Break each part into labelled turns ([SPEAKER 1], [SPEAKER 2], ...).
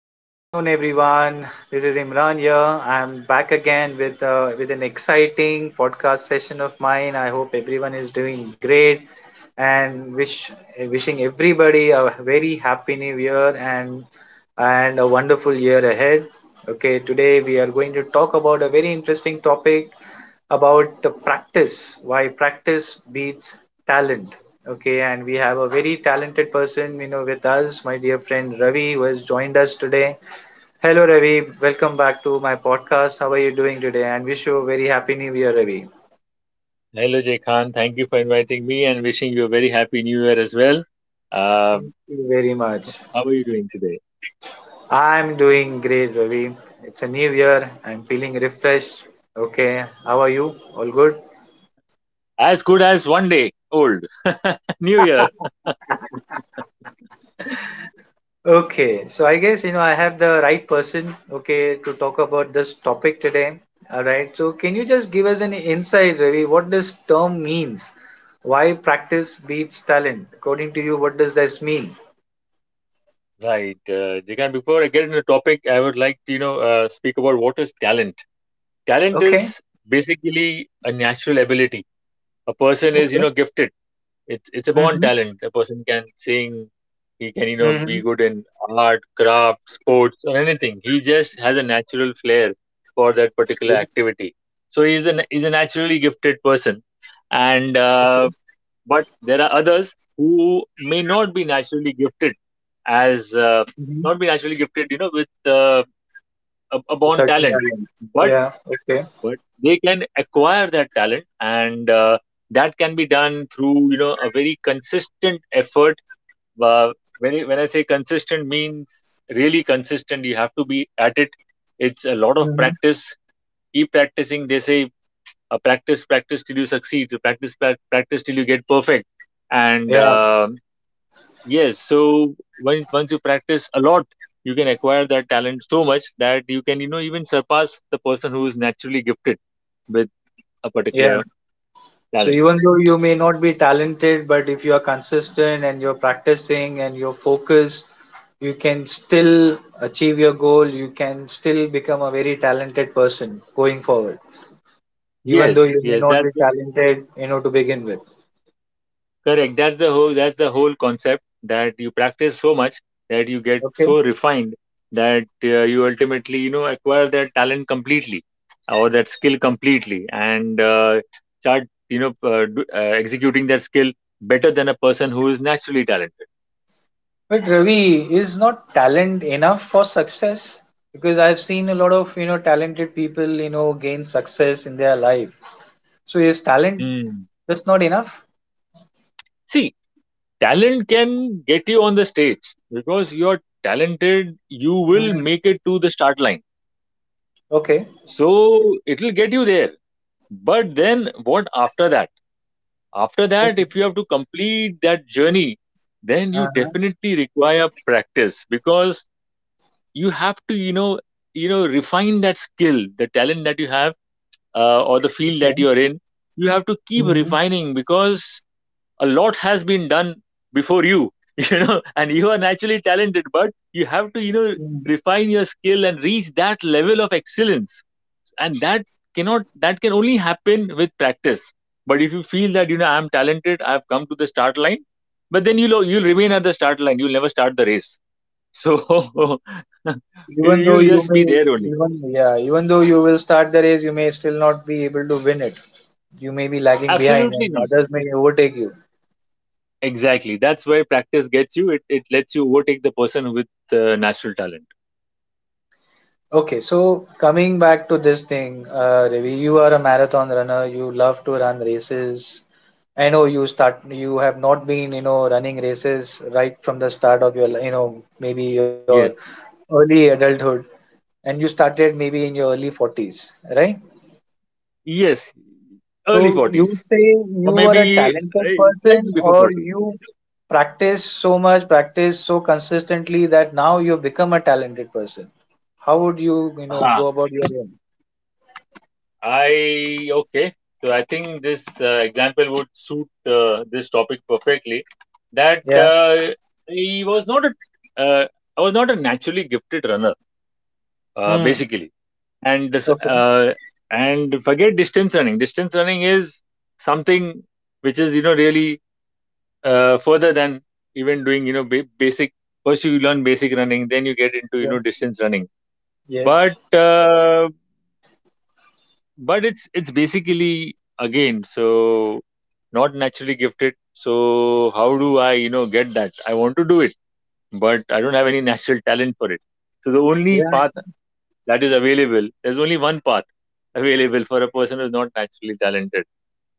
[SPEAKER 1] Good afternoon, everyone. This is Imran here. I'm back again with an exciting podcast session of mine. I hope everyone is doing great, and wishing everybody a very happy new year, and a wonderful year ahead. Okay, today we are going to talk about a very interesting topic about the practice. Why practice beats talent. Okay, and we have a very talented person, with us, my dear friend Ravi, who has joined us today. Hello, Ravi. Welcome back to my podcast. How are you doing today? And wish you a very happy new year, Ravi.
[SPEAKER 2] Hello, Jay Khan. Thank you for inviting me and wishing you a very happy new year as well.
[SPEAKER 1] Thank
[SPEAKER 2] Um,
[SPEAKER 1] you very much.
[SPEAKER 2] how are you doing today?
[SPEAKER 1] I'm doing great, Ravi. It's a new year. I'm feeling refreshed. Okay, how are you? All good?
[SPEAKER 2] As good as one day old. New year.
[SPEAKER 1] Okay, so I guess I have the right person, okay, to talk about this topic today. All right, so can you just give us an insight, Ravi, what this term means? Why practice beats talent? According to you, what does this mean?
[SPEAKER 2] Right. Jay Khan, before I get into the topic, I would like to, speak about what is talent. Talent
[SPEAKER 1] Okay,
[SPEAKER 2] is basically a natural ability. A person is, you
[SPEAKER 1] okay.
[SPEAKER 2] know, gifted. It's a born
[SPEAKER 1] Mm-hmm.
[SPEAKER 2] talent. A person can sing. He can, you know,
[SPEAKER 1] Mm-hmm.
[SPEAKER 2] be good in art, craft, sports, or anything. He just has a natural flair for that particular activity. So he's a naturally gifted person, and but there are others who may not be naturally gifted as
[SPEAKER 1] Mm-hmm.
[SPEAKER 2] not be naturally gifted, you know, with a born
[SPEAKER 1] Certain
[SPEAKER 2] talent,
[SPEAKER 1] talent.
[SPEAKER 2] but
[SPEAKER 1] Yeah, okay.
[SPEAKER 2] they can acquire that talent, and that can be done through, you know, a very consistent effort. uh, when I say consistent, means really consistent. You have to be at it. It's a lot of
[SPEAKER 1] Mm-hmm.
[SPEAKER 2] practice, keep practicing, they say. Practice, practice till you succeed. So practice till you get perfect. And
[SPEAKER 1] Yeah,
[SPEAKER 2] Yes, so once you practice a lot, you can acquire that talent so much that you can, you know, even surpass the person who is naturally gifted with a
[SPEAKER 1] yeah.
[SPEAKER 2] particular
[SPEAKER 1] So
[SPEAKER 2] talent.
[SPEAKER 1] even though you may not be talented, but if you are consistent and you're practicing and you're focused, you can still achieve your goal. You can still become a very talented person going forward, even
[SPEAKER 2] Yes,
[SPEAKER 1] though you may
[SPEAKER 2] yes,
[SPEAKER 1] not be talented, to begin with.
[SPEAKER 2] correct. That's the whole concept, that you practice so much that you get
[SPEAKER 1] Okay.
[SPEAKER 2] so refined, that you ultimately, you know, acquire that talent completely, or that skill completely, and start you know do, executing that skill better than a person who is naturally talented.
[SPEAKER 1] But Ravi, is not talent enough for success? Because I've seen a lot of, talented people, gain success in their life. So is talent
[SPEAKER 2] Hmm.
[SPEAKER 1] just not enough?
[SPEAKER 2] See, talent can get you on the stage because you're talented. You will
[SPEAKER 1] Mm.
[SPEAKER 2] make it to the start line.
[SPEAKER 1] Okay.
[SPEAKER 2] So it will get you there. But then what after that? After that,
[SPEAKER 1] Okay.
[SPEAKER 2] if you have to complete that journey, then you
[SPEAKER 1] Uh-huh.
[SPEAKER 2] definitely require practice, because you have to, you know, refine that skill, the talent that you have, or the field that you are in. You have to keep
[SPEAKER 1] Okay.
[SPEAKER 2] refining, because a lot has been done before you, you know, and you are naturally talented, but you have to, you know,
[SPEAKER 1] Mm.
[SPEAKER 2] refine your skill and reach that level of excellence. And that cannot that can only happen with practice. But if you feel that, you know, I'm talented, I've come to the start line, but then you'll remain at the start line, you'll never start the race. So
[SPEAKER 1] Even though
[SPEAKER 2] will
[SPEAKER 1] you
[SPEAKER 2] just be there
[SPEAKER 1] may,
[SPEAKER 2] only.
[SPEAKER 1] even yeah, even though you will start the race, you may still not be able to win it. You may be lagging behind,
[SPEAKER 2] Absolutely
[SPEAKER 1] and
[SPEAKER 2] not,
[SPEAKER 1] others may overtake you.
[SPEAKER 2] exactly. That's where practice gets you. It lets you overtake the person with natural talent.
[SPEAKER 1] Okay, so coming back to this thing, Ravi, you are a marathon runner. You love to run races. I know you start. You have not been, running races right from the start of your, maybe your
[SPEAKER 2] Yes,
[SPEAKER 1] early adulthood, and you started maybe in your early 40s, right?
[SPEAKER 2] yes, early
[SPEAKER 1] So you
[SPEAKER 2] 40s,
[SPEAKER 1] say you
[SPEAKER 2] or
[SPEAKER 1] were a
[SPEAKER 2] maybe
[SPEAKER 1] talented person
[SPEAKER 2] slightly before
[SPEAKER 1] or
[SPEAKER 2] 40.
[SPEAKER 1] you practice so much, practice so consistently that now you become a talented person. How would you,
[SPEAKER 2] Ah.
[SPEAKER 1] go about your own?
[SPEAKER 2] I okay. So I think this example would suit this topic perfectly. That
[SPEAKER 1] Yeah.
[SPEAKER 2] I was not a I was not a naturally gifted runner,
[SPEAKER 1] Hmm.
[SPEAKER 2] basically. And
[SPEAKER 1] Okay.
[SPEAKER 2] forget distance running. Distance running is something which is, you know, really further than even doing, you know, basic. First you learn basic running, then you get into, you
[SPEAKER 1] Yeah.
[SPEAKER 2] know, distance running.
[SPEAKER 1] Yes.
[SPEAKER 2] But uh, but it's basically, again, so, not naturally gifted. So how do I, you know, get that? I want to do it, but I don't have any natural talent for it. So the only
[SPEAKER 1] Yeah.
[SPEAKER 2] path that is available, there's only one path available for a person who's not naturally talented.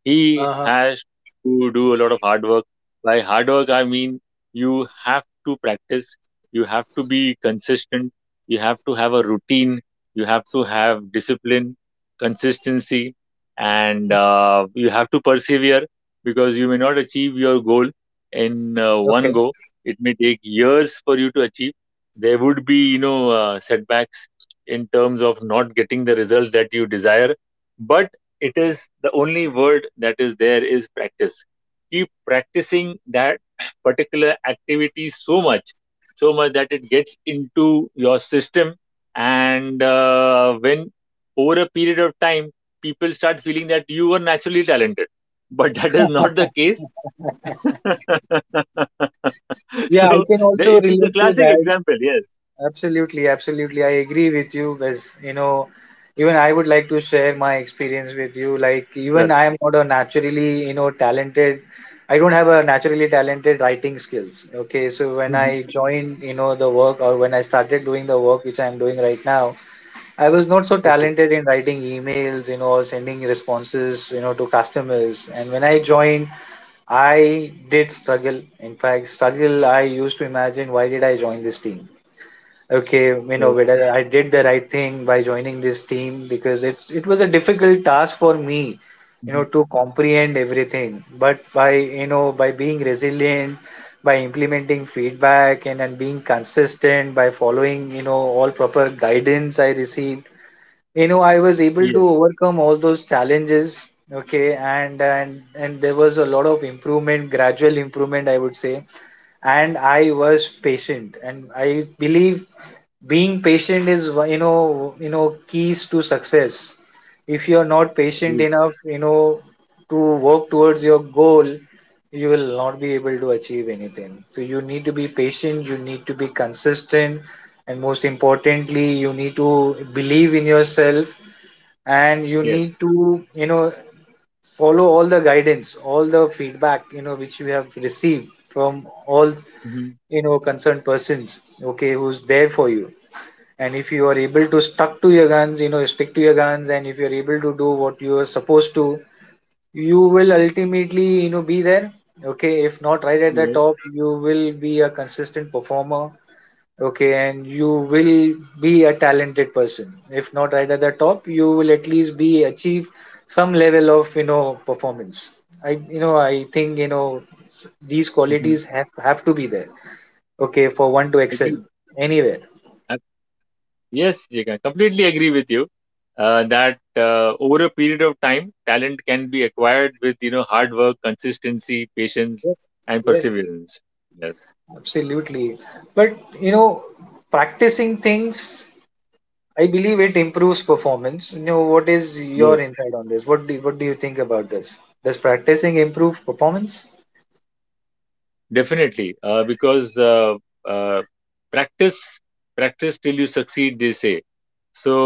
[SPEAKER 2] He
[SPEAKER 1] Uh-huh.
[SPEAKER 2] has to do a lot of hard work. By hard work, I mean you have to practice, you have to be consistent, you have to have a routine, you have to have discipline, consistency, and you have to persevere, because you may not achieve your goal in one
[SPEAKER 1] Okay.
[SPEAKER 2] go. It may take years for you to achieve. There would be, you know, setbacks in terms of not getting the result that you desire, but it is the only word that is there is practice. Keep practicing that particular activity so much, so much that it gets into your system. And when over a period of time, people start feeling that you are naturally talented, but that is not the case.
[SPEAKER 1] Yeah, I
[SPEAKER 2] So
[SPEAKER 1] can also
[SPEAKER 2] it's a
[SPEAKER 1] relate to
[SPEAKER 2] classic
[SPEAKER 1] that.
[SPEAKER 2] example. Yes.
[SPEAKER 1] Absolutely, absolutely. I agree with you, because even I would like to share my experience with you. Like, even
[SPEAKER 2] Sure.
[SPEAKER 1] I am not a naturally, talented. I don't have a naturally talented writing skills. Okay, so when I
[SPEAKER 2] Mhm.
[SPEAKER 1] joined, the work or when I started doing the work which I am doing right now, I was not so
[SPEAKER 2] Okay.
[SPEAKER 1] talented in writing emails, or sending responses, to customers. And when I joined, I did struggle. In fact, struggle. I used to imagine, why did I join this team, okay,
[SPEAKER 2] Oh,
[SPEAKER 1] whether I did the right thing by joining this team, because it was a difficult task for me,
[SPEAKER 2] mhm.
[SPEAKER 1] to comprehend everything. But by by being resilient, by implementing feedback, and being consistent, by following all proper guidance I received, I was able
[SPEAKER 2] Yes.
[SPEAKER 1] to overcome all those challenges. Okay, and there was a lot of improvement, gradual improvement, I would say. And I was patient. And I believe being patient is keys to success. If you are not patient
[SPEAKER 2] Agreed.
[SPEAKER 1] enough, to work towards your goal, you will not be able to achieve anything. So you need to be patient, you need to be consistent, and most importantly, you need to believe in yourself. And you
[SPEAKER 2] Yes.
[SPEAKER 1] need to follow all the guidance, all the feedback which you have received from all
[SPEAKER 2] Hmm.
[SPEAKER 1] concerned persons, okay, who's there for you. And if you are able to stuck to your guns, stick to your guns, and if you're able to do what you are supposed to, you will ultimately be there. Okay, if not right at the
[SPEAKER 2] Yes.
[SPEAKER 1] top, you will be a consistent performer. Okay, and you will be a talented person. If not right at the top, you will at least be achieve some level of performance. I think these
[SPEAKER 2] Hmm.
[SPEAKER 1] qualities have to be there. Okay, for one to excel
[SPEAKER 2] Agreed.
[SPEAKER 1] anywhere.
[SPEAKER 2] Ab- Yes, Jigan. Completely agree with you that over a period of time, talent can be acquired with, you know, hard work, consistency, patience, and
[SPEAKER 1] Yes,
[SPEAKER 2] perseverance. Yes.
[SPEAKER 1] absolutely. But practicing things, I believe it improves performance. What is your
[SPEAKER 2] Yes.
[SPEAKER 1] insight on this? What do you think about this? Does practicing improve performance?
[SPEAKER 2] Definitely, because uh, practice, practice till you succeed, they say.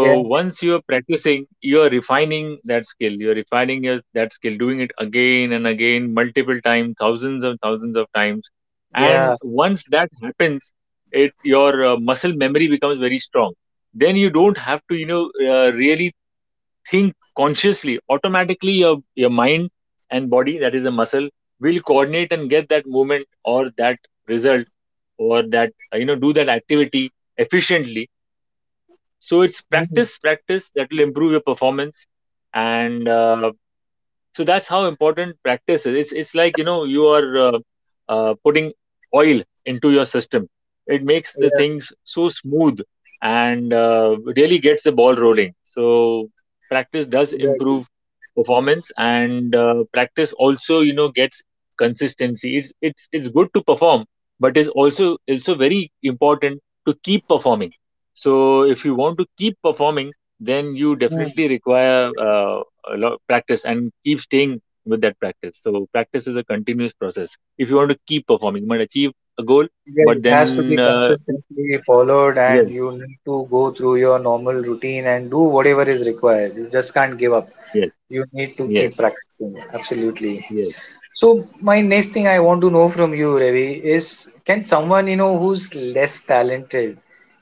[SPEAKER 1] Yeah,
[SPEAKER 2] once you are practicing, you are refining that skill. You are refining that skill, doing it again and again, multiple times, thousands and thousands of times. And
[SPEAKER 1] yeah.
[SPEAKER 2] once that happens, it, your muscle memory becomes very strong. Then you don't have to, you know, really think consciously. Automatically your mind and body, that is a muscle, will coordinate and get that movement or that result or that, you know, do that activity efficiently. So it's
[SPEAKER 1] Mhm.
[SPEAKER 2] practice, practice that will improve your performance. And So that's how important practice is. It's like, you know, you are putting oil into your system. It makes the
[SPEAKER 1] Yeah,
[SPEAKER 2] things so smooth, and really gets the ball rolling. So practice does
[SPEAKER 1] exactly.
[SPEAKER 2] improve performance, and practice also, you know, gets consistency. It's good to perform, but it's also very important to keep performing. So if you want to keep performing, then you
[SPEAKER 1] Yeah.
[SPEAKER 2] definitely require a lot practice, and keep staying with that practice. So practice is a continuous process. If you want to keep performing, you might achieve a goal,
[SPEAKER 1] Yeah,
[SPEAKER 2] but
[SPEAKER 1] it has to be
[SPEAKER 2] then
[SPEAKER 1] consistently followed,
[SPEAKER 2] yes,
[SPEAKER 1] and you need to go through your normal routine and do whatever is required. You just can't give up.
[SPEAKER 2] yes,
[SPEAKER 1] You need to keep
[SPEAKER 2] yes,
[SPEAKER 1] practicing. Absolutely.
[SPEAKER 2] yes,
[SPEAKER 1] So my next thing I want to know from you, Ravi, is can someone who's less talented,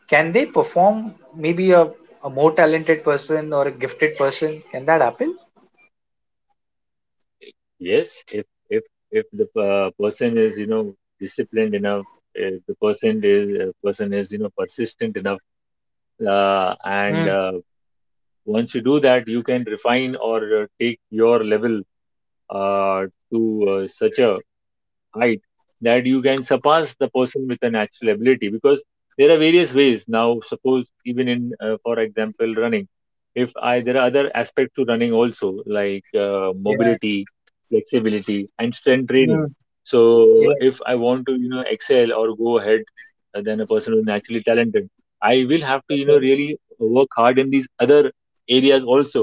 [SPEAKER 1] can they perform maybe a more talented person or a gifted person? Can that happen?
[SPEAKER 2] yes. If if the person is, you know, disciplined enough, if the person is you know, persistent enough, and
[SPEAKER 1] Mm,
[SPEAKER 2] once you do that, you can refine or take your level uh, to such a height that you can surpass the person with a natural ability. Because there are various ways. Now suppose, even in, for example, running, if I there are other aspects to running also, like
[SPEAKER 1] yeah.
[SPEAKER 2] mobility, flexibility, and strength
[SPEAKER 1] Mm,
[SPEAKER 2] training. So
[SPEAKER 1] yes.
[SPEAKER 2] if I want to, you know, excel or go ahead than a person who's naturally talented, I will have to, you
[SPEAKER 1] Okay.
[SPEAKER 2] know, really work hard in these other areas also,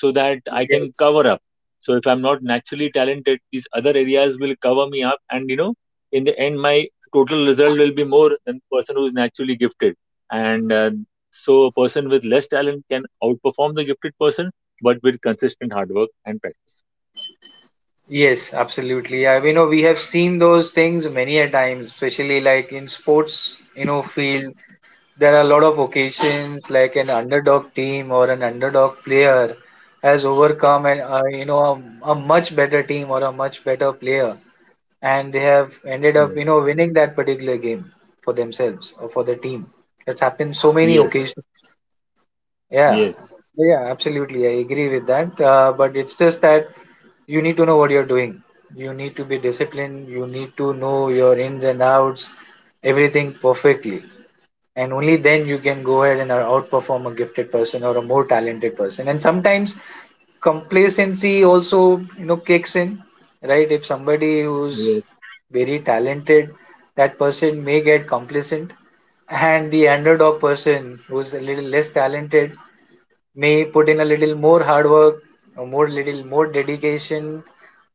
[SPEAKER 2] so that I can
[SPEAKER 1] Yes.
[SPEAKER 2] cover up. So if I'm not naturally talented, these other areas will cover me up, and, you know, in the end, my total result will be more than the person who is naturally gifted. And so a person with less talent can outperform the gifted person, but with consistent hard work and practice.
[SPEAKER 1] Yes, absolutely. I mean, we have seen those things many a times, especially like in sports, field. There are a lot of occasions like an underdog team or an underdog player has overcome an you know a much better team or a much better player, and they have ended up
[SPEAKER 2] Yes,
[SPEAKER 1] winning that particular game for themselves or for the team. That's happened so many
[SPEAKER 2] yes,
[SPEAKER 1] occasions. Yeah,
[SPEAKER 2] yes,
[SPEAKER 1] yeah, absolutely. I agree with that. But it's just that you need to know what you're doing. You need to be disciplined. You need to know your ins and outs, everything perfectly, and only then you can go ahead and outperform a gifted person or a more talented person. And sometimes complacency also kicks in, right? If somebody who's
[SPEAKER 2] yes.
[SPEAKER 1] very talented, that person may get complacent, and the underdog person who's a little less talented may put in a little more hard work, or more little more dedication,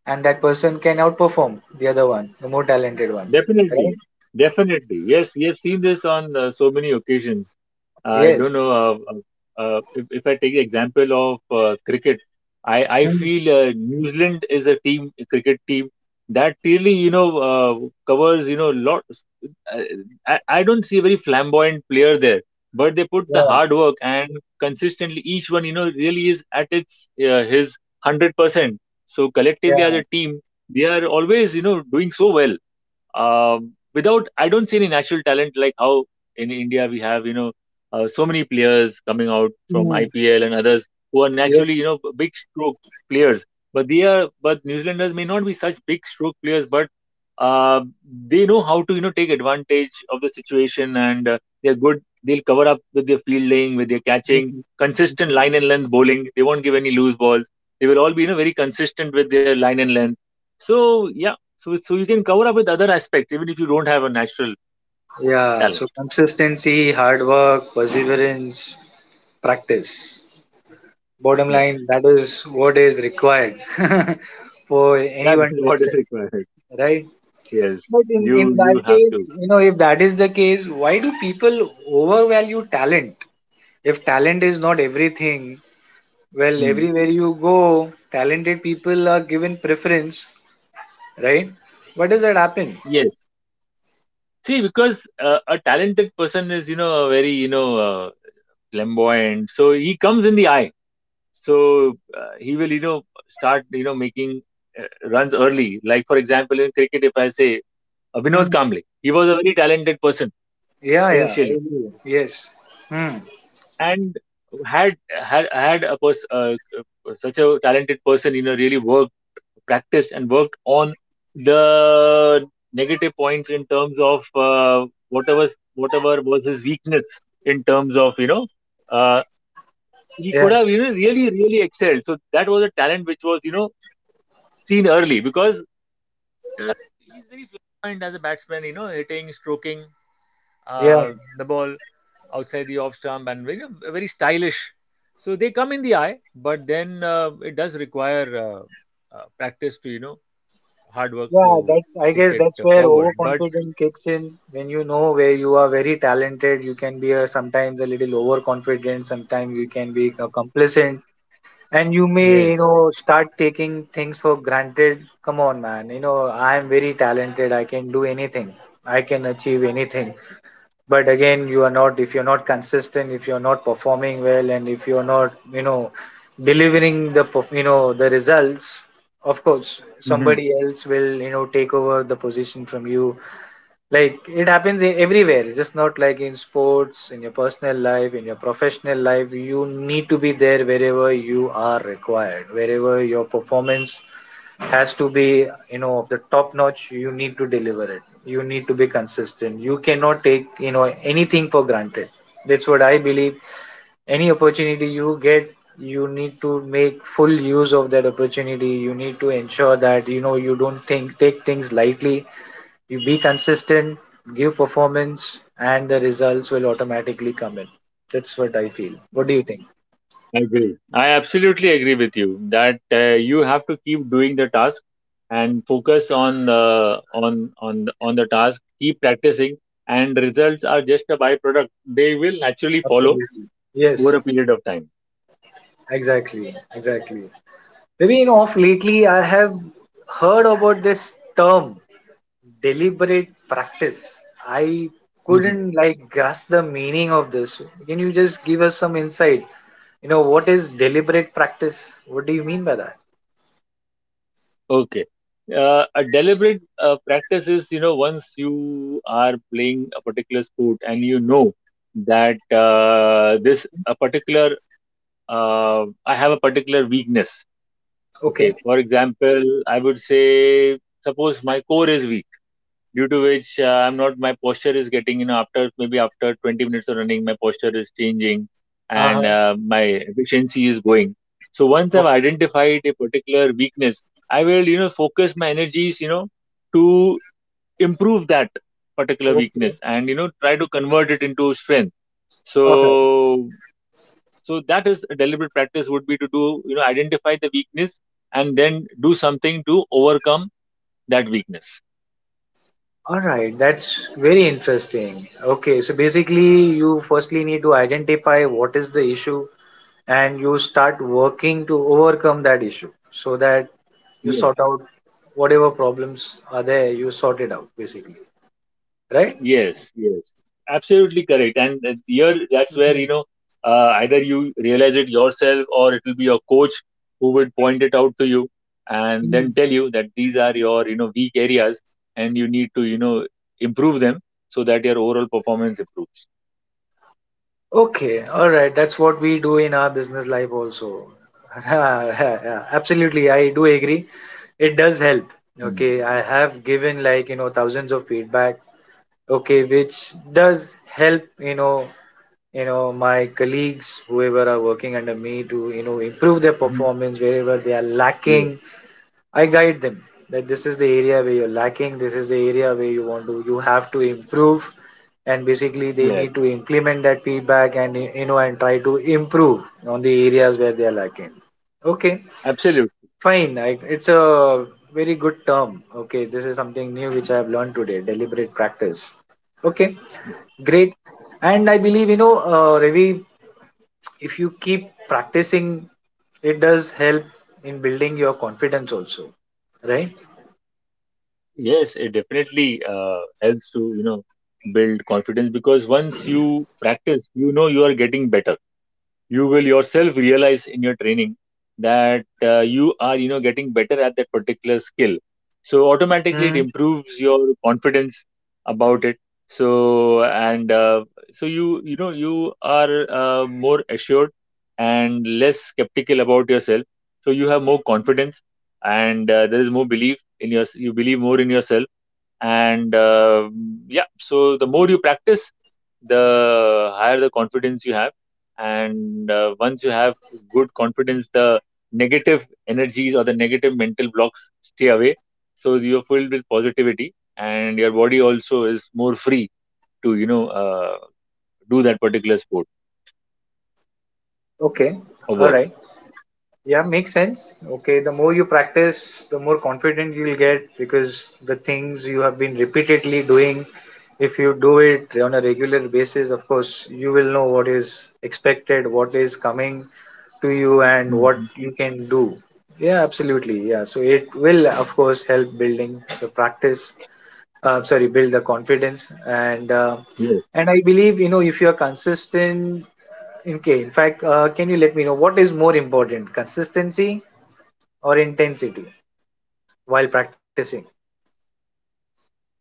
[SPEAKER 1] and that person can outperform the other one, the more talented one, right?
[SPEAKER 2] Definitely, definitely. Yes, we have seen this on so many occasions. I don't
[SPEAKER 1] Yes.
[SPEAKER 2] know. If I take the example of cricket, I
[SPEAKER 1] Hmm.
[SPEAKER 2] feel New Zealand is a team, a cricket team that really, you know, covers, you know, lot. I, I I don't see a very flamboyant player there, but they put the
[SPEAKER 1] Yeah,
[SPEAKER 2] hard work and consistently each one, you know, really is at its his 100%. So collectively as
[SPEAKER 1] yeah.
[SPEAKER 2] a team, they are always, you know, doing so well. Without, I don't see any natural talent, like how in India we have, you know, so many players coming out from
[SPEAKER 1] Hmm.
[SPEAKER 2] IPL and others who are naturally, you know, big stroke players. But they are, but New Zealanders may not be such big stroke players, but uh, they know how to, you know, take advantage of the situation, and they're good. They'll cover up with their fielding, with their catching,
[SPEAKER 1] Mhm.
[SPEAKER 2] consistent
[SPEAKER 1] Mhm.
[SPEAKER 2] line and length bowling. They won't give any loose balls. They will all be, you know, very consistent with their line and length. So yeah, so you can cover up with other aspects even if you don't have a natural
[SPEAKER 1] Yeah, so
[SPEAKER 2] talent.
[SPEAKER 1] consistency, hard work, perseverance, practice. Bottom line,
[SPEAKER 2] Yes,
[SPEAKER 1] that is what is required for
[SPEAKER 2] that is
[SPEAKER 1] anyone to
[SPEAKER 2] what is
[SPEAKER 1] excel,
[SPEAKER 2] required.
[SPEAKER 1] right?
[SPEAKER 2] Yes,
[SPEAKER 1] But in
[SPEAKER 2] you
[SPEAKER 1] that
[SPEAKER 2] you have
[SPEAKER 1] case,
[SPEAKER 2] to.
[SPEAKER 1] if that is the case, why do people overvalue talent? If talent is not everything, well,
[SPEAKER 2] Hmm.
[SPEAKER 1] everywhere you go, talented people are given preference, right? What does that happen?
[SPEAKER 2] Yes. See, because a talented person is, you know, very, you know, flamboyant. So he comes in the eye. So he will, you know, start, you know, making runs early. Like for example, in cricket, if I say Vinod
[SPEAKER 1] Hmm.
[SPEAKER 2] Kamble, he was a very talented person
[SPEAKER 1] Yeah, yeah, I
[SPEAKER 2] initially,
[SPEAKER 1] agree. Yes. Hmm.
[SPEAKER 2] and had a such a talented person, you know, really worked, practiced and worked on the negative points in terms of whatever, whatever was his weakness in terms of, you know, uh, he
[SPEAKER 1] Yeah.
[SPEAKER 2] could have, you know, really really excelled. So that was a talent which was, you know, seen early because
[SPEAKER 1] Yeah, yeah, that's I guess that's where overconfidence kicks in, when where you are very talented. You can be sometimes a little overconfident, sometimes you can be complacent, and you may, start taking things for granted. Come on, man, I am very talented, I can do anything, I can achieve anything. But again you are not, if you're not consistent, if you're not performing well, and if you're not delivering the the results. Of course
[SPEAKER 2] hmm.
[SPEAKER 1] somebody else will take over the position from you. Like it happens everywhere. It's just not like in sports, in your personal life, in your professional life, you need to be there wherever you are required, wherever your performance has to be, of the top notch. You need to deliver it, you need to be consistent. You cannot take anything for granted. That's what I believe. Any opportunity you get, you need to make full use of that opportunity. You need to ensure that you don't think take things lightly. You be consistent, give performance, and the results will automatically come in. That's what I feel. What do you think?
[SPEAKER 2] I agree. I absolutely agree with you that you have to keep doing the task and focus on on the task. Keep practicing, and results are just a byproduct. They will naturally follow
[SPEAKER 1] Absolutely.
[SPEAKER 2] over
[SPEAKER 1] Yes.
[SPEAKER 2] a period of time.
[SPEAKER 1] Exactly, exactly. Maybe of lately I have heard about this term, deliberate practice. I
[SPEAKER 2] Mhm.
[SPEAKER 1] couldn't like grasp the meaning of this. Can you just give us some insight? What is deliberate practice? What do you mean by that?
[SPEAKER 2] Okay. A deliberate practice is, you know, once you are playing a particular sport and you know that this a particular I have a particular weakness. Okay,
[SPEAKER 1] Okay.
[SPEAKER 2] for example, I would say suppose my core is weak, due to which I'm not my posture is getting, you know, after maybe after 20 minutes of running, my posture is changing, and
[SPEAKER 1] Uh-huh.
[SPEAKER 2] my efficiency is going. So once I've
[SPEAKER 1] Okay.
[SPEAKER 2] identified a particular weakness, I will, you know, focus my energies, you know, to improve that particular
[SPEAKER 1] Okay.
[SPEAKER 2] weakness and, you know, try to convert it into strength.
[SPEAKER 1] Okay.
[SPEAKER 2] So so that is a deliberate practice would be to do, you know, identify the weakness and then do something to overcome that weakness.
[SPEAKER 1] All right. That's very interesting. Okay. So basically, you firstly need to identify what is the issue, and you start working to overcome that issue, so that you
[SPEAKER 2] yes
[SPEAKER 1] sort out whatever problems are there, you sort it out basically, right?
[SPEAKER 2] yes yes Absolutely correct, and here that's where,
[SPEAKER 1] Mm.
[SPEAKER 2] you know, either you realize it yourself or it will be your coach who would point it out to you and then tell you that these are your, you know, weak areas and you need to, you know, improve them so that your overall performance improves.
[SPEAKER 1] Okay, all right, that's what we do in our business life also. Absolutely, I do agree. It does help.
[SPEAKER 2] Mm.
[SPEAKER 1] Okay, I have given, like, you know, thousands of feedback. Okay, which does help, you know. You know, my colleagues whoever are working under me to, you know, improve their
[SPEAKER 2] Mhm.
[SPEAKER 1] performance wherever they are lacking.
[SPEAKER 2] yes
[SPEAKER 1] I guide them that this is the area where you're lacking, this is the area where you want to, you have to improve, and basically they
[SPEAKER 2] yes.
[SPEAKER 1] need to implement that feedback and, you know, and try to improve on the areas where they are lacking. Okay,
[SPEAKER 2] Absolutely
[SPEAKER 1] fine. It's a very good term. Okay, this is something new which I have learned today. Deliberate practice. Okay,
[SPEAKER 2] yes.
[SPEAKER 1] great. And I believe, you know, Ravi, if you keep practicing, it does help in building your confidence also, right?
[SPEAKER 2] Yes, it definitely helps to, you know, build confidence, because once you practice, you know, you are getting better. You will yourself realize in your training that you are, you know, getting better at that particular skill, so automatically it
[SPEAKER 1] Hmm.
[SPEAKER 2] improves your confidence about it. So and uh, so you, you know, you are more assured and less skeptical about yourself, so you have more confidence, and there is more belief in your you believe more in yourself. And yeah, so the more you practice, the higher the confidence you have. And once you have good confidence, the negative energies or the negative mental blocks stay away, so you're filled with positivity and your body also is more free to, you know, do that particular sport
[SPEAKER 1] Okay.
[SPEAKER 2] or
[SPEAKER 1] All
[SPEAKER 2] work.
[SPEAKER 1] right. Yeah, makes sense. Okay. The more you practice, the more confident you'll get because the things you have been repeatedly doing, if you do it on a regular basis, of course, you will know what is expected, what is coming to you, and what
[SPEAKER 2] Mhm.
[SPEAKER 1] you can do. Yeah, absolutely. Yeah. So it will, of course, help building the practice. Sorry, build the confidence and.
[SPEAKER 2] Yes.
[SPEAKER 1] And I believe, you know, if you are consistent. Okay, in fact, can you let me know what is more important, consistency or intensity while practicing?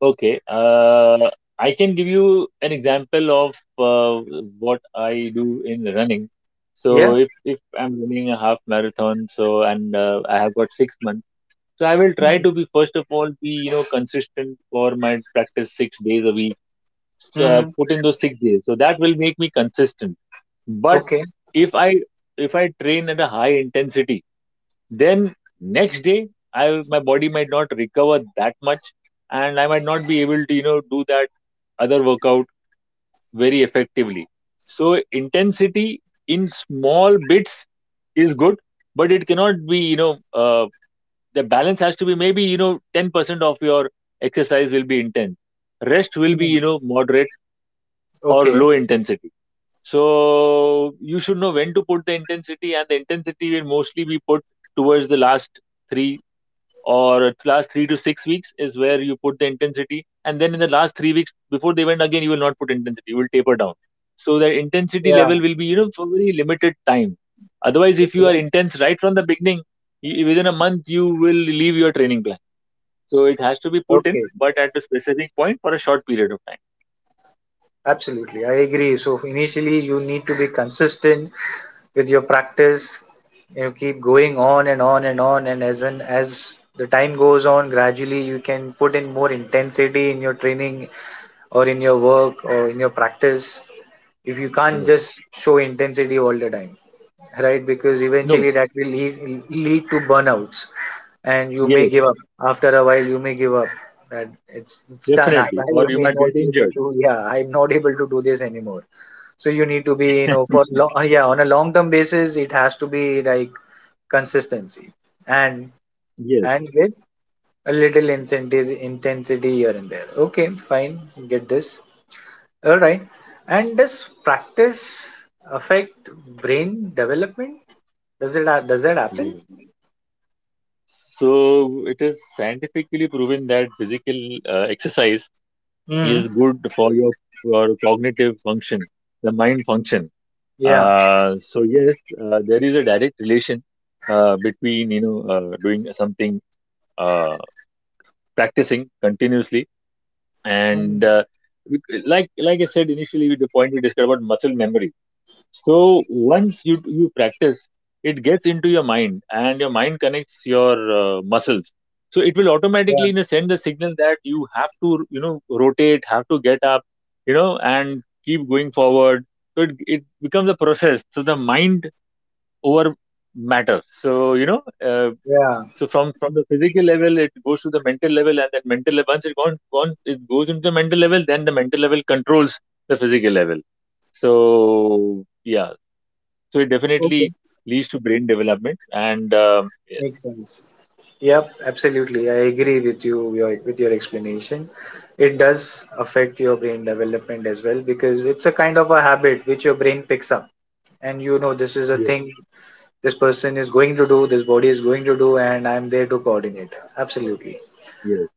[SPEAKER 2] Okay. I can give you an example of what I do in running. So
[SPEAKER 1] Yeah.
[SPEAKER 2] if I'm running a half marathon, so and I have got 6 months. So I will try to be, first of all, be, you know, consistent for my practice 6 days a week. So
[SPEAKER 1] Hmm.
[SPEAKER 2] put in those 6 days. So that will make me consistent. But
[SPEAKER 1] Okay.
[SPEAKER 2] if I if I train at a high intensity, then next day I my body might not recover that much, and I might not be able to, you know, do that other workout very effectively. So intensity in small bits is good, but it cannot be, you know, the balance has to be maybe, you know, 10% of your exercise will be intense, rest will be,
[SPEAKER 1] Hmm.
[SPEAKER 2] you know, moderate or
[SPEAKER 1] Okay.
[SPEAKER 2] low intensity. So you should know when to put the intensity, and the intensity will mostly be put towards the last 3 or last 3 to 6 weeks is where you put the intensity, and then in the last 3 weeks before the event again you will not put intensity, you will taper down, so that intensity
[SPEAKER 1] Yeah.
[SPEAKER 2] level will be, you know, for very limited time. Otherwise, if you
[SPEAKER 1] Okay.
[SPEAKER 2] are intense right from the beginning, within a month you will leave your training plan. So it has to be put in,
[SPEAKER 1] Okay.
[SPEAKER 2] but at a specific point for a short period of time.
[SPEAKER 1] Absolutely, I agree. So initially you need to be consistent with your practice. You keep going on and on and on, and as an as the time goes on gradually you can put in more intensity in your training or in your work or in your practice, if you can't
[SPEAKER 2] Yes.
[SPEAKER 1] just show intensity all the time, right? Because
[SPEAKER 2] No.
[SPEAKER 1] eventually that will lead to burnouts, and you may give
[SPEAKER 2] Yes,
[SPEAKER 1] up. After a while, you may give up. That it's done. I,
[SPEAKER 2] definitely.
[SPEAKER 1] I
[SPEAKER 2] Or you
[SPEAKER 1] may
[SPEAKER 2] might
[SPEAKER 1] not
[SPEAKER 2] get
[SPEAKER 1] be able
[SPEAKER 2] injured.
[SPEAKER 1] to. Yeah, I'm not able to do this anymore. So you need to be, you know, for long. Yeah, on a long term basis, it has to be like consistency and
[SPEAKER 2] Yes.
[SPEAKER 1] with a little incentives intensity here and there. Okay, fine, get this. All right. And does practice affect brain development? Does it does that happen?
[SPEAKER 2] Yeah. So it is scientifically proven that physical exercise
[SPEAKER 1] Mm.
[SPEAKER 2] is good for your cognitive function, the mind function.
[SPEAKER 1] Yeah.
[SPEAKER 2] So yes, there is a direct relation between, you know, doing something, uh, practicing continuously, and
[SPEAKER 1] Mm.
[SPEAKER 2] like I said initially, with the point we discussed about muscle memory. So once you, you practice, it gets into your mind, and your mind connects your muscles. So it will
[SPEAKER 1] Yeah.
[SPEAKER 2] automatically, you know, send the signal that you have to, you know, rotate, have to get up, you know, and keep going forward. So it becomes a process. So the mind over matter, so, you know,
[SPEAKER 1] Yeah.
[SPEAKER 2] so from the physical level, it goes to the mental level, and then mental level, once it gone gone it goes into the mental level, then the mental level controls the physical level. So yeah, so it
[SPEAKER 1] Okay.
[SPEAKER 2] definitely leads to brain development, and yes,
[SPEAKER 1] Makes sense. Yep. Absolutely, I agree with you. Your With your explanation. It does affect your brain development as well because it's a kind of a habit which your brain picks up, and you know this is a
[SPEAKER 2] yes,
[SPEAKER 1] thing this person is going to do, this body is going to do, and I'm there to coordinate. Absolutely.
[SPEAKER 2] yes,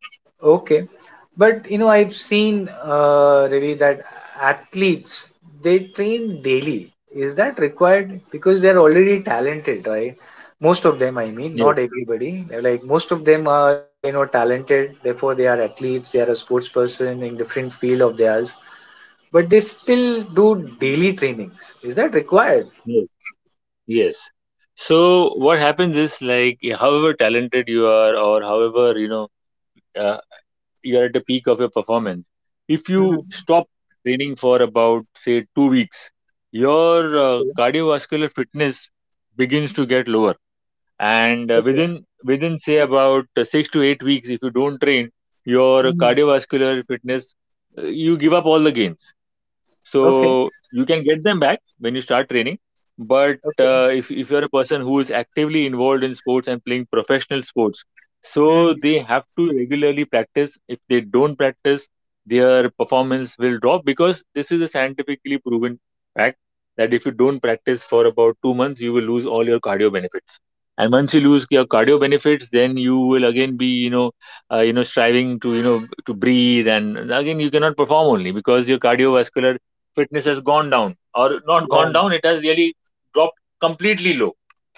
[SPEAKER 1] Okay, but you know, I've seen Ravi, that athletes they train daily. Is that required? Because they're already talented, right? Most of them, I mean,
[SPEAKER 2] yes,
[SPEAKER 1] not everybody. Like most of them are, you know, talented. Therefore, they are athletes. They are a sports person in different field of theirs. But they still do daily trainings. Is that required?
[SPEAKER 2] yes, yes. So what happens is like however talented you are, or however you know, uh, you're at the peak of your performance. If you stop training for about, say, 2 weeks, your cardiovascular fitness begins to get lower. And within, say, about 6 to 8 weeks, if you don't train, your
[SPEAKER 1] Mm.
[SPEAKER 2] cardiovascular fitness, you give up all the gains.
[SPEAKER 1] Okay.
[SPEAKER 2] So you can get them back when you start training, but
[SPEAKER 1] Okay.
[SPEAKER 2] if you're a person who is actively involved in sports and playing professional sports, so
[SPEAKER 1] Mm.
[SPEAKER 2] they have to regularly practice. If they don't practice, their performance will drop, because this is a scientifically proven fact that if you don't practice for about 2 months, you will lose all your cardio benefits. And once you lose your cardio benefits, then you will again be, you know, you know, striving to, you know, to breathe, and again you cannot perform only because your cardiovascular fitness has gone down, or not
[SPEAKER 1] Yeah.
[SPEAKER 2] gone down, it has really dropped completely low.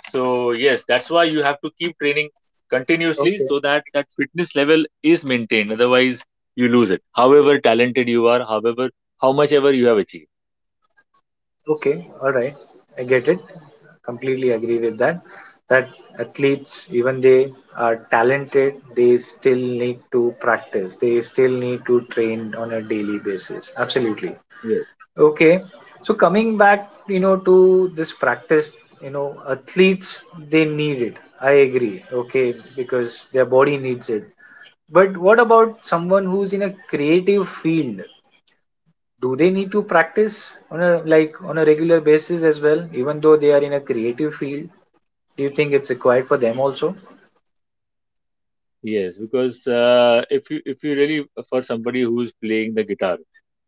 [SPEAKER 2] So yes, that's why you have to keep training continuously,
[SPEAKER 1] Okay.
[SPEAKER 2] so that that fitness level is maintained. Otherwise, you lose it, however talented you are, however how much ever you have achieved.
[SPEAKER 1] Okay. All right, I get it. Completely agree with that. That athletes, even they are talented, they still need to practice. They still need to train on a daily basis. Absolutely.
[SPEAKER 2] Yes.
[SPEAKER 1] Okay. So coming back, you know, to this practice, you know, athletes they need it. I agree. Okay, because their body needs it. But what about someone who's in a creative field? Do they need to practice on a like on a regular basis as well, even though they are in a creative field? Do you think it's required for them also?
[SPEAKER 2] Yes, because if you really, for somebody who's playing the guitar,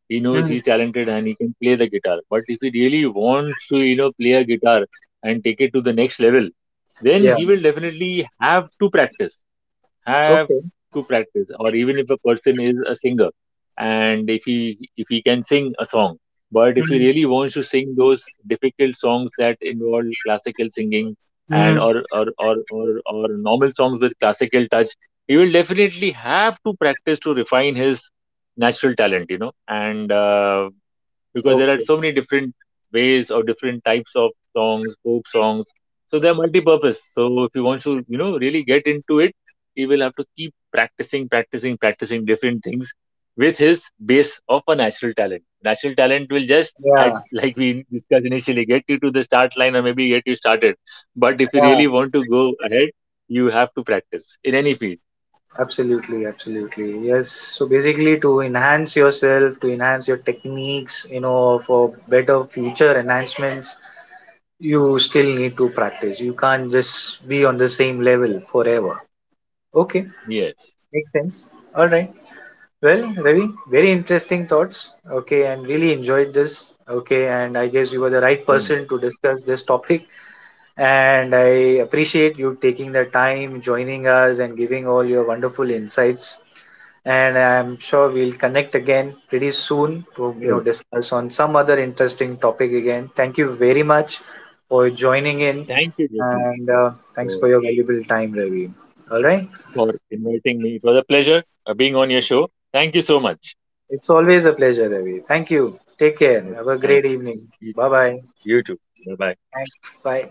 [SPEAKER 2] he knows
[SPEAKER 1] Mm.
[SPEAKER 2] he's talented and he can play the guitar, but if he really wants to, you know, play a guitar and take it to the next level, then
[SPEAKER 1] Yeah.
[SPEAKER 2] he will definitely have to practice, have
[SPEAKER 1] Okay.
[SPEAKER 2] to practice Or even if a person is a singer, and if he can sing a song, but if he
[SPEAKER 1] Mm.
[SPEAKER 2] really wants to sing those difficult songs that involve classical singing, and
[SPEAKER 1] Mm.
[SPEAKER 2] or normal songs with classical touch, he will definitely have to practice to refine his natural talent, you know. And because there are
[SPEAKER 1] Okay.
[SPEAKER 2] so many different ways or different types of songs, folk songs, so they're multi-purpose. So if you want to, you know, really get into it, he will have to keep practicing, practicing, practicing different things with his base of a natural talent. Natural talent will just, at
[SPEAKER 1] Yeah.
[SPEAKER 2] like we discussed initially, get you to the start line or maybe get you started. But if you
[SPEAKER 1] Yeah.
[SPEAKER 2] really want to go ahead, you have to practice in any field.
[SPEAKER 1] Absolutely. Absolutely. Yes. So basically, to enhance yourself, to enhance your techniques, you know, for better future enhancements, you still need to practice. You can't just be on the same level forever. Okay.
[SPEAKER 2] Yes.
[SPEAKER 1] Makes sense. All right. Well, Ravi, very interesting thoughts. Okay. And really enjoyed this. Okay. And I guess you were the right
[SPEAKER 2] Same here.
[SPEAKER 1] person to discuss this topic. And I appreciate you taking the time, joining us, and giving all your wonderful insights. And I'm sure we'll connect again pretty soon to, you know,
[SPEAKER 2] Sure.
[SPEAKER 1] discuss on some other interesting topic again. Thank you very much for joining in,
[SPEAKER 2] Thank you, Jason,
[SPEAKER 1] and thanks
[SPEAKER 2] for
[SPEAKER 1] for your valuable time, Ravi. All right,
[SPEAKER 2] for inviting me. It was a pleasure being on your show. Thank you so much.
[SPEAKER 1] it's always a pleasure, Ravi. Thank you. Take care. Have a
[SPEAKER 2] Thank
[SPEAKER 1] great evening.
[SPEAKER 2] you. You too.
[SPEAKER 1] Bye bye.
[SPEAKER 2] You too. Bye bye.
[SPEAKER 1] Bye.